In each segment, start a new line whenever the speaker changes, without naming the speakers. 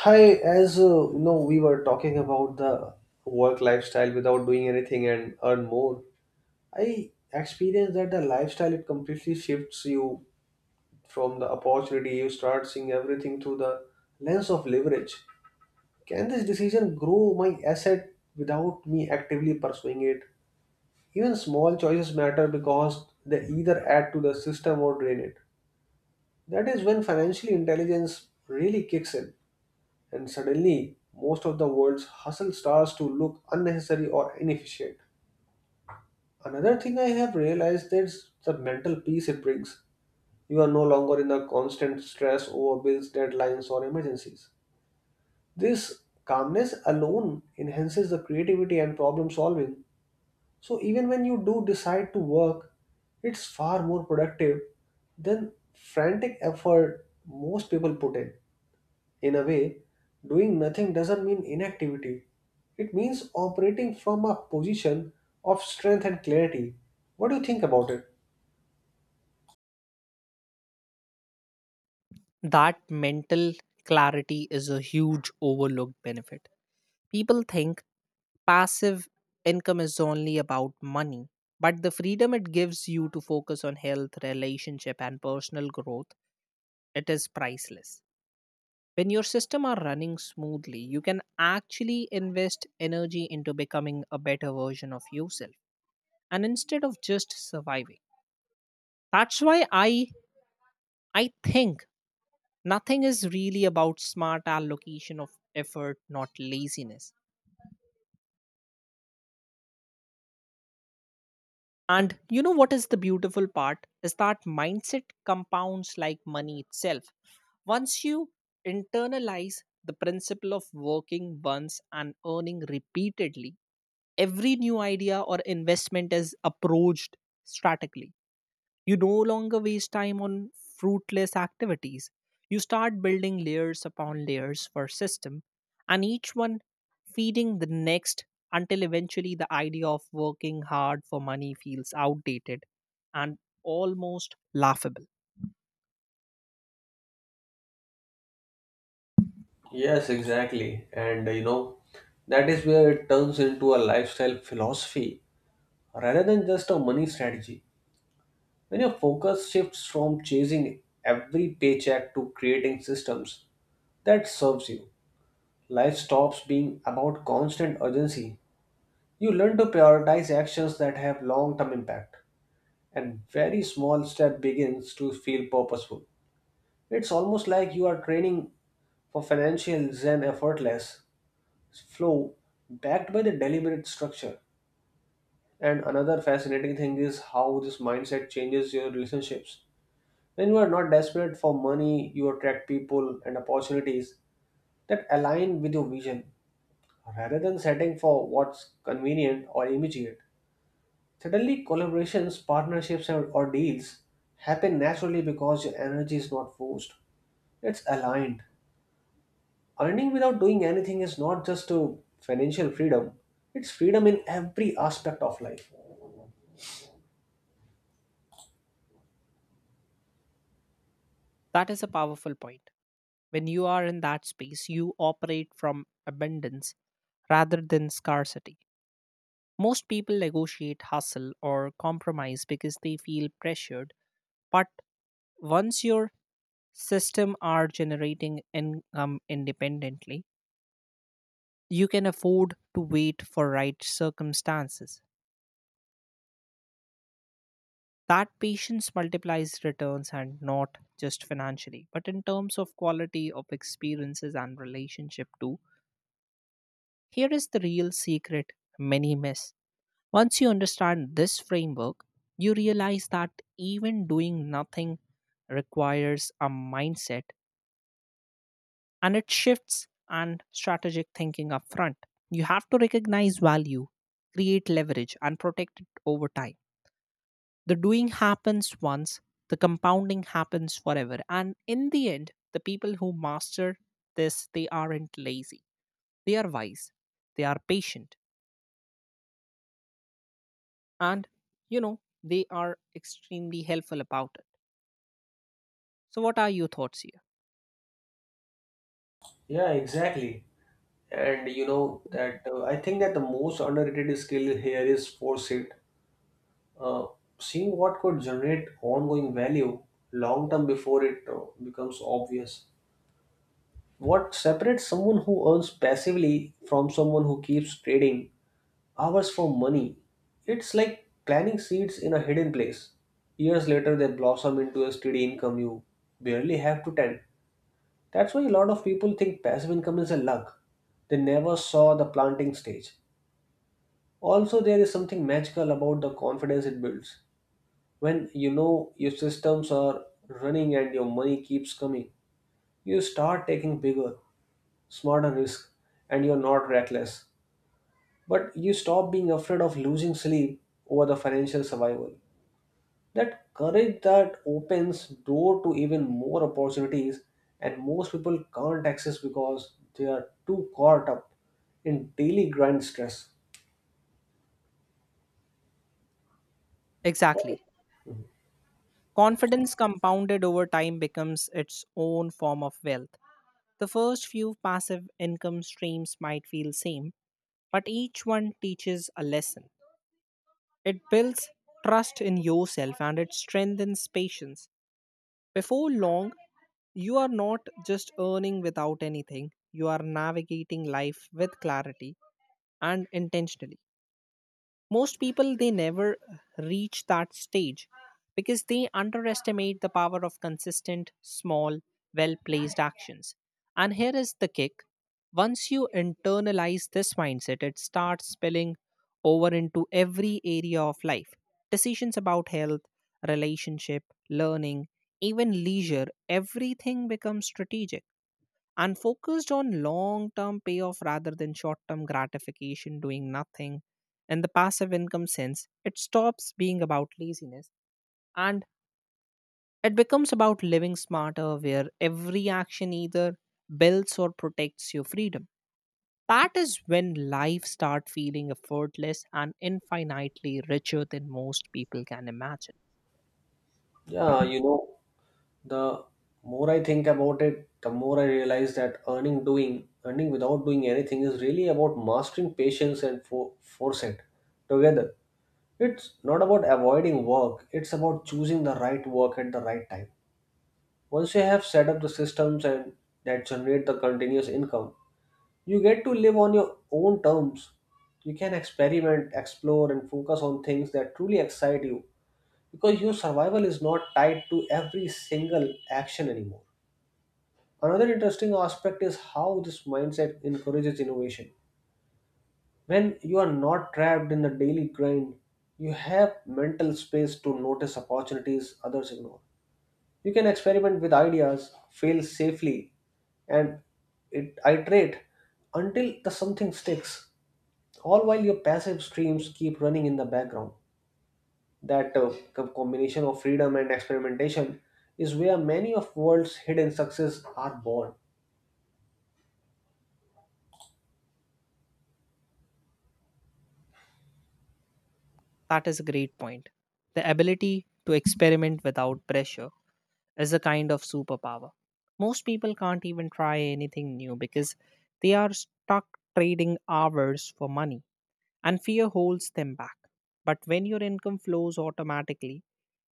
Hi, we were talking about the work lifestyle without doing anything and earn more. I experienced that the lifestyle it completely shifts you from the opportunity. You start seeing everything through the lens of leverage. Can this decision grow my asset without me actively pursuing it? Even small choices matter because they either add to the system or drain it. That is when financial intelligence really kicks in, and suddenly most of the world's hustle starts to look unnecessary or inefficient. Another thing I have realized is the mental peace it brings. You are no longer in a constant stress over bills, deadlines, or emergencies. This calmness alone enhances the creativity and problem solving. So, even when you do decide to work, it's far more productive than frantic effort most people put in. In a way, doing nothing doesn't mean inactivity. It means operating from a position of strength and clarity. What do you think about it?
That mental clarity is a huge overlooked benefit. People think passive income is only about money, but the freedom it gives you to focus on health, relationship, and personal growth, it is priceless. When your system are running smoothly, you can actually invest energy into becoming a better version of yourself and instead of just surviving. That's why I think nothing is really about smart allocation of effort, not laziness. And you know what is the beautiful part? Is that mindset compounds like money itself. Once you internalize the principle of working once and earning repeatedly, every new idea or investment is approached strategically. You no longer waste time on fruitless activities. You start building layers upon layers for system, and each one feeding the next until eventually the idea of working hard for money feels outdated and almost laughable.
Yes, exactly. That is where it turns into a lifestyle philosophy rather than just a money strategy. When your focus shifts from chasing every paycheck to creating systems that serves you, life stops being about constant urgency. You learn to prioritize actions that have long-term impact, and very small step begins to feel purposeful. It's almost like you are training for financial zen effortless flow backed by the deliberate structure. And another fascinating thing is how this mindset changes your relationships. When you are not desperate for money, you attract people and opportunities that align with your vision rather than setting for what's convenient or immediate. Suddenly, collaborations, partnerships, or deals happen naturally because your energy is not forced. It's aligned. Earning without doing anything is not just a financial freedom, it's freedom in every aspect of life.
That is a powerful point. When you are in that space, you operate from abundance rather than scarcity. Most people negotiate hustle or compromise because they feel pressured, but once your system are generating income independently, you can afford to wait for right circumstances. That patience multiplies returns and not just financially, but in terms of quality of experiences and relationship too. Here is the real secret many miss. Once you understand this framework, you realize that even doing nothing requires a mindset and it shifts and strategic thinking up front. You have to recognize value, create leverage, and protect it over time. The doing happens once, the compounding happens forever, and in the end the people who master this, they aren't lazy, they are wise, they are patient, and you know they are extremely helpful about it. So what are your thoughts here?
Yeah, exactly. And you know that I think that the most underrated skill here is foresight. Uh, seeing what could generate ongoing value long term before it becomes obvious. What separates someone who earns passively from someone who keeps trading hours for money? It's like planting seeds in a hidden place. Years later, they blossom into a steady income you barely have to tend. That's why a lot of people think passive income is a luck. They never saw the planting stage. Also, there is something magical about the confidence it builds. When you know your systems are running and your money keeps coming, you start taking bigger, smarter risk, and you're not reckless. But you stop being afraid of losing sleep over the financial survival. That courage that opens door to even more opportunities and most people can't access because they are too caught up in daily grind stress.
Exactly. Confidence compounded over time becomes its own form of wealth. The first few passive income streams might feel same, but each one teaches a lesson. It builds trust in yourself and it strengthens patience. Before long, you are not just earning without anything, you are navigating life with clarity and intentionally. Most people they never reach that stage because they underestimate the power of consistent, small, well placed actions. And here is the kick, once you internalize this mindset, it starts spilling over into every area of life. Decisions about health, relationship, learning, even leisure, everything becomes strategic and focused on long term payoff rather than short term gratification, doing nothing. In the passive income sense, it stops being about laziness and it becomes about living smarter, where every action either builds or protects your freedom. That is when life starts feeling effortless and infinitely richer than most people can imagine.
Yeah, you know, the more I think about it, the more I realize that earning without doing anything is really about mastering patience and foresight together. It's not about avoiding work, it's about choosing the right work at the right time. Once you have set up the systems and that generate the continuous income, you get to live on your own terms. You can experiment, explore, and focus on things that truly excite you because your survival is not tied to every single action anymore. Another interesting aspect is how this mindset encourages innovation. When you are not trapped in the daily grind, you have mental space to notice opportunities others ignore. You can experiment with ideas, fail safely, and iterate until the something sticks, all while your passive streams keep running in the background. That combination of freedom and experimentation is where many of world's hidden success are born.
That is a great point. The ability to experiment without pressure is a kind of superpower. Most people can't even try anything new because they are stuck trading hours for money and fear holds them back. But when your income flows automatically,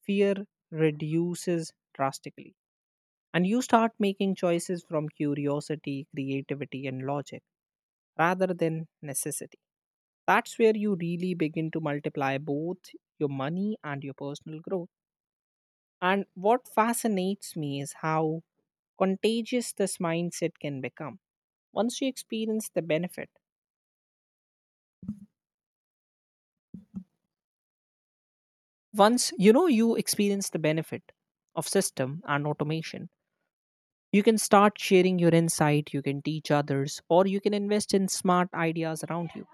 fear reduces drastically and you start making choices from curiosity, creativity, and logic rather than necessity. That's where you really begin to multiply both your money and your personal growth. And what fascinates me is how contagious this mindset can become once you experience the benefit, once you know you experience the benefit of system and automation, you can start sharing your insight, you can teach others, or you can invest in smart ideas around you.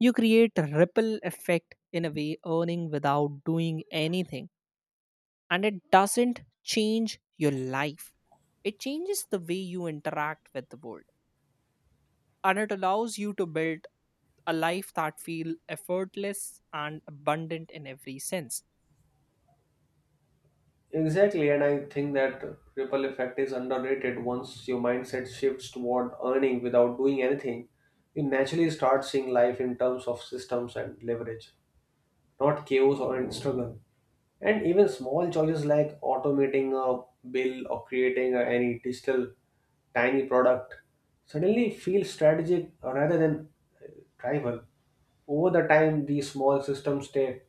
You create a ripple effect in a way earning without doing anything, and it doesn't change your life, it changes the way you interact with the world, and it allows you to build a life that feels effortless and abundant in every sense.
Exactly, and I think that ripple effect is underrated. Once your mindset shifts toward earning without doing anything, you naturally start seeing life in terms of systems and leverage, not chaos or struggle. And even small choices like automating a bill or creating any digital tiny product suddenly feel strategic rather than uh, tribal. Over the time, these small systems stay,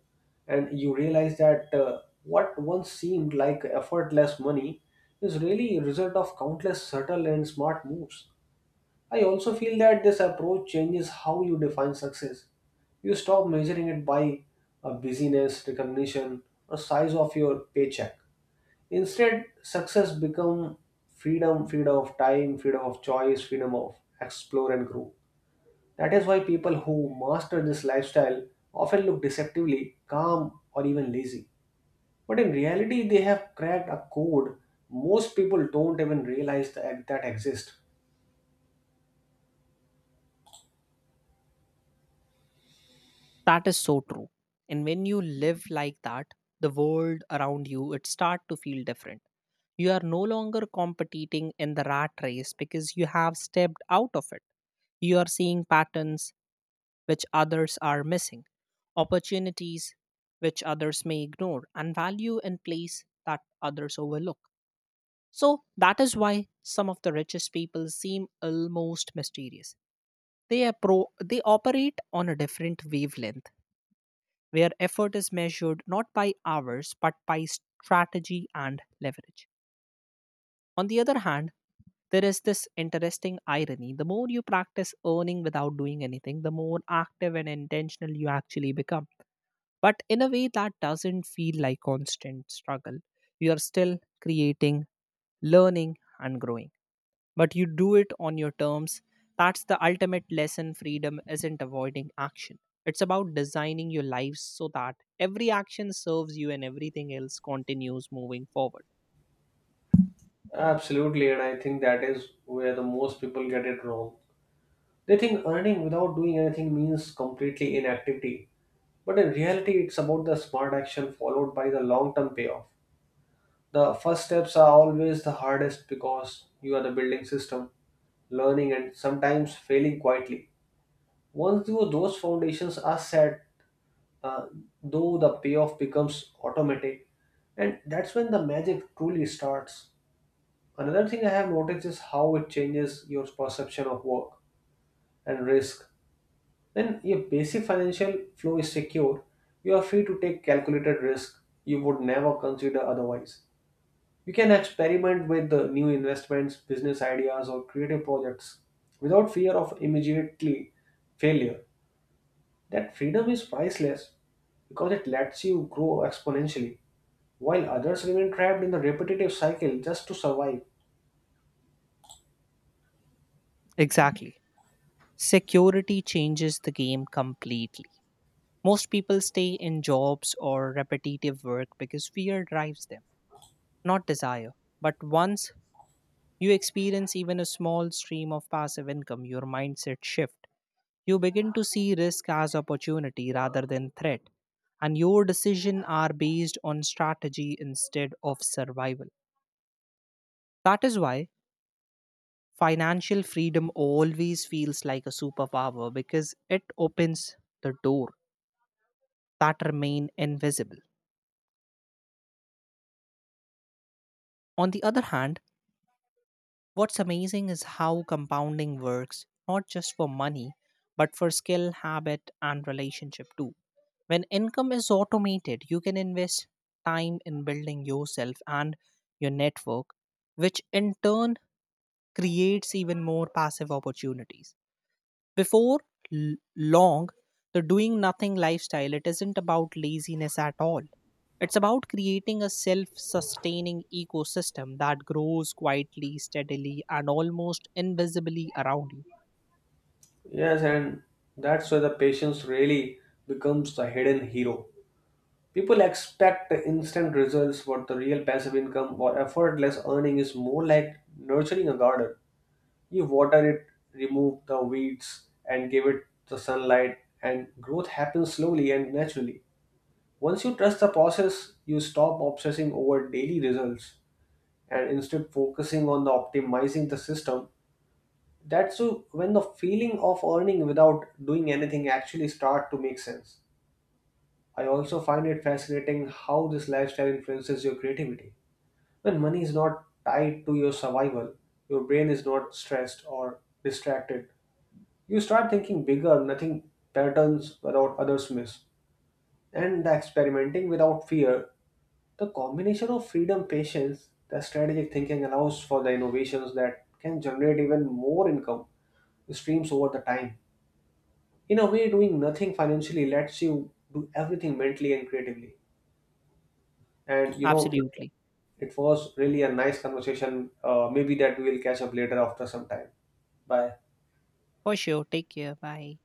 and you realize that what once seemed like effortless money is really a result of countless subtle and smart moves. I also feel that this approach changes how you define success. You stop measuring it by a busyness, recognition, or size of your paycheck. Instead, success become freedom, freedom of time, freedom of choice, freedom of explore and grow. That is why people who master this lifestyle often look deceptively calm or even lazy. But in reality, they have cracked a code most people don't even realize that exists.
That is so true, and when you live like that, the world around you, it start to feel different. You are no longer competing in the rat race because you have stepped out of it. You are seeing patterns which others are missing, opportunities which others may ignore, and value in place that others overlook. So that is why some of the richest people seem almost mysterious. They operate on a different wavelength where effort is measured not by hours but by strategy and leverage. On the other hand, there is this interesting irony. The more you practice earning without doing anything, the more active and intentional you actually become. But in a way that doesn't feel like constant struggle. You are still creating, learning, and growing, but you do it on your terms. That's the ultimate lesson, freedom isn't avoiding action. It's about designing your lives so that every action serves you and everything else continues moving forward.
Absolutely, and I think that is where the most people get it wrong. They think earning without doing anything means completely inactivity, but in reality, it's about the smart action followed by the long term payoff. The first steps are always the hardest because you are the building system, learning, and sometimes failing quietly. Once you, those foundations are set, uh, though the payoff becomes automatic, and that's when the magic truly starts. Another thing I have noticed is how it changes your perception of work and risk. When your basic financial flow is secure, you are free to take calculated risk you would never consider otherwise. You can experiment with the new investments, business ideas, or creative projects without fear of immediately failure. That freedom is priceless because it lets you grow exponentially, while others remain trapped in the repetitive cycle just to survive.
Exactly. Security changes the game completely. Most people stay in jobs or repetitive work because fear drives them, not desire. But once you experience even a small stream of passive income, your mindset shifts. You begin to see risk as opportunity rather than threat, and your decisions are based on strategy instead of survival. That is why financial freedom always feels like a superpower because it opens the door that remain invisible. On the other hand, what's amazing is how compounding works, not just for money, but for skill, habit, and relationship too. When income is automated, you can invest time in building yourself and your network, which in turn creates even more passive opportunities. Before long, the doing nothing lifestyle, it isn't about laziness at all. It's about creating a self sustaining ecosystem that grows quietly, steadily, and almost invisibly around you.
Yes, and that's where the patience really becomes the hidden hero. People expect instant results, but the real passive income or effortless earning is more like nurturing a garden. You water it, remove the weeds, and give it the sunlight, and growth happens slowly and naturally. Once you trust the process, you stop obsessing over daily results and instead focusing on the optimizing the system that's so when the feeling of earning without doing anything actually start to make sense. I also find it fascinating how this lifestyle influences your creativity. When money is not tied to your survival, your brain is not stressed or distracted. You start thinking bigger, nothing patterns without others miss. And the experimenting without fear, the combination of freedom, patience, the strategic thinking allows for the innovations that can generate even more income streams over the time. In a way, doing nothing financially lets you do everything mentally and creatively, and you know it,
Absolutely.
it was really a nice conversation. Maybe that we will catch up later after some time. Bye.
For sure. Take care. Bye.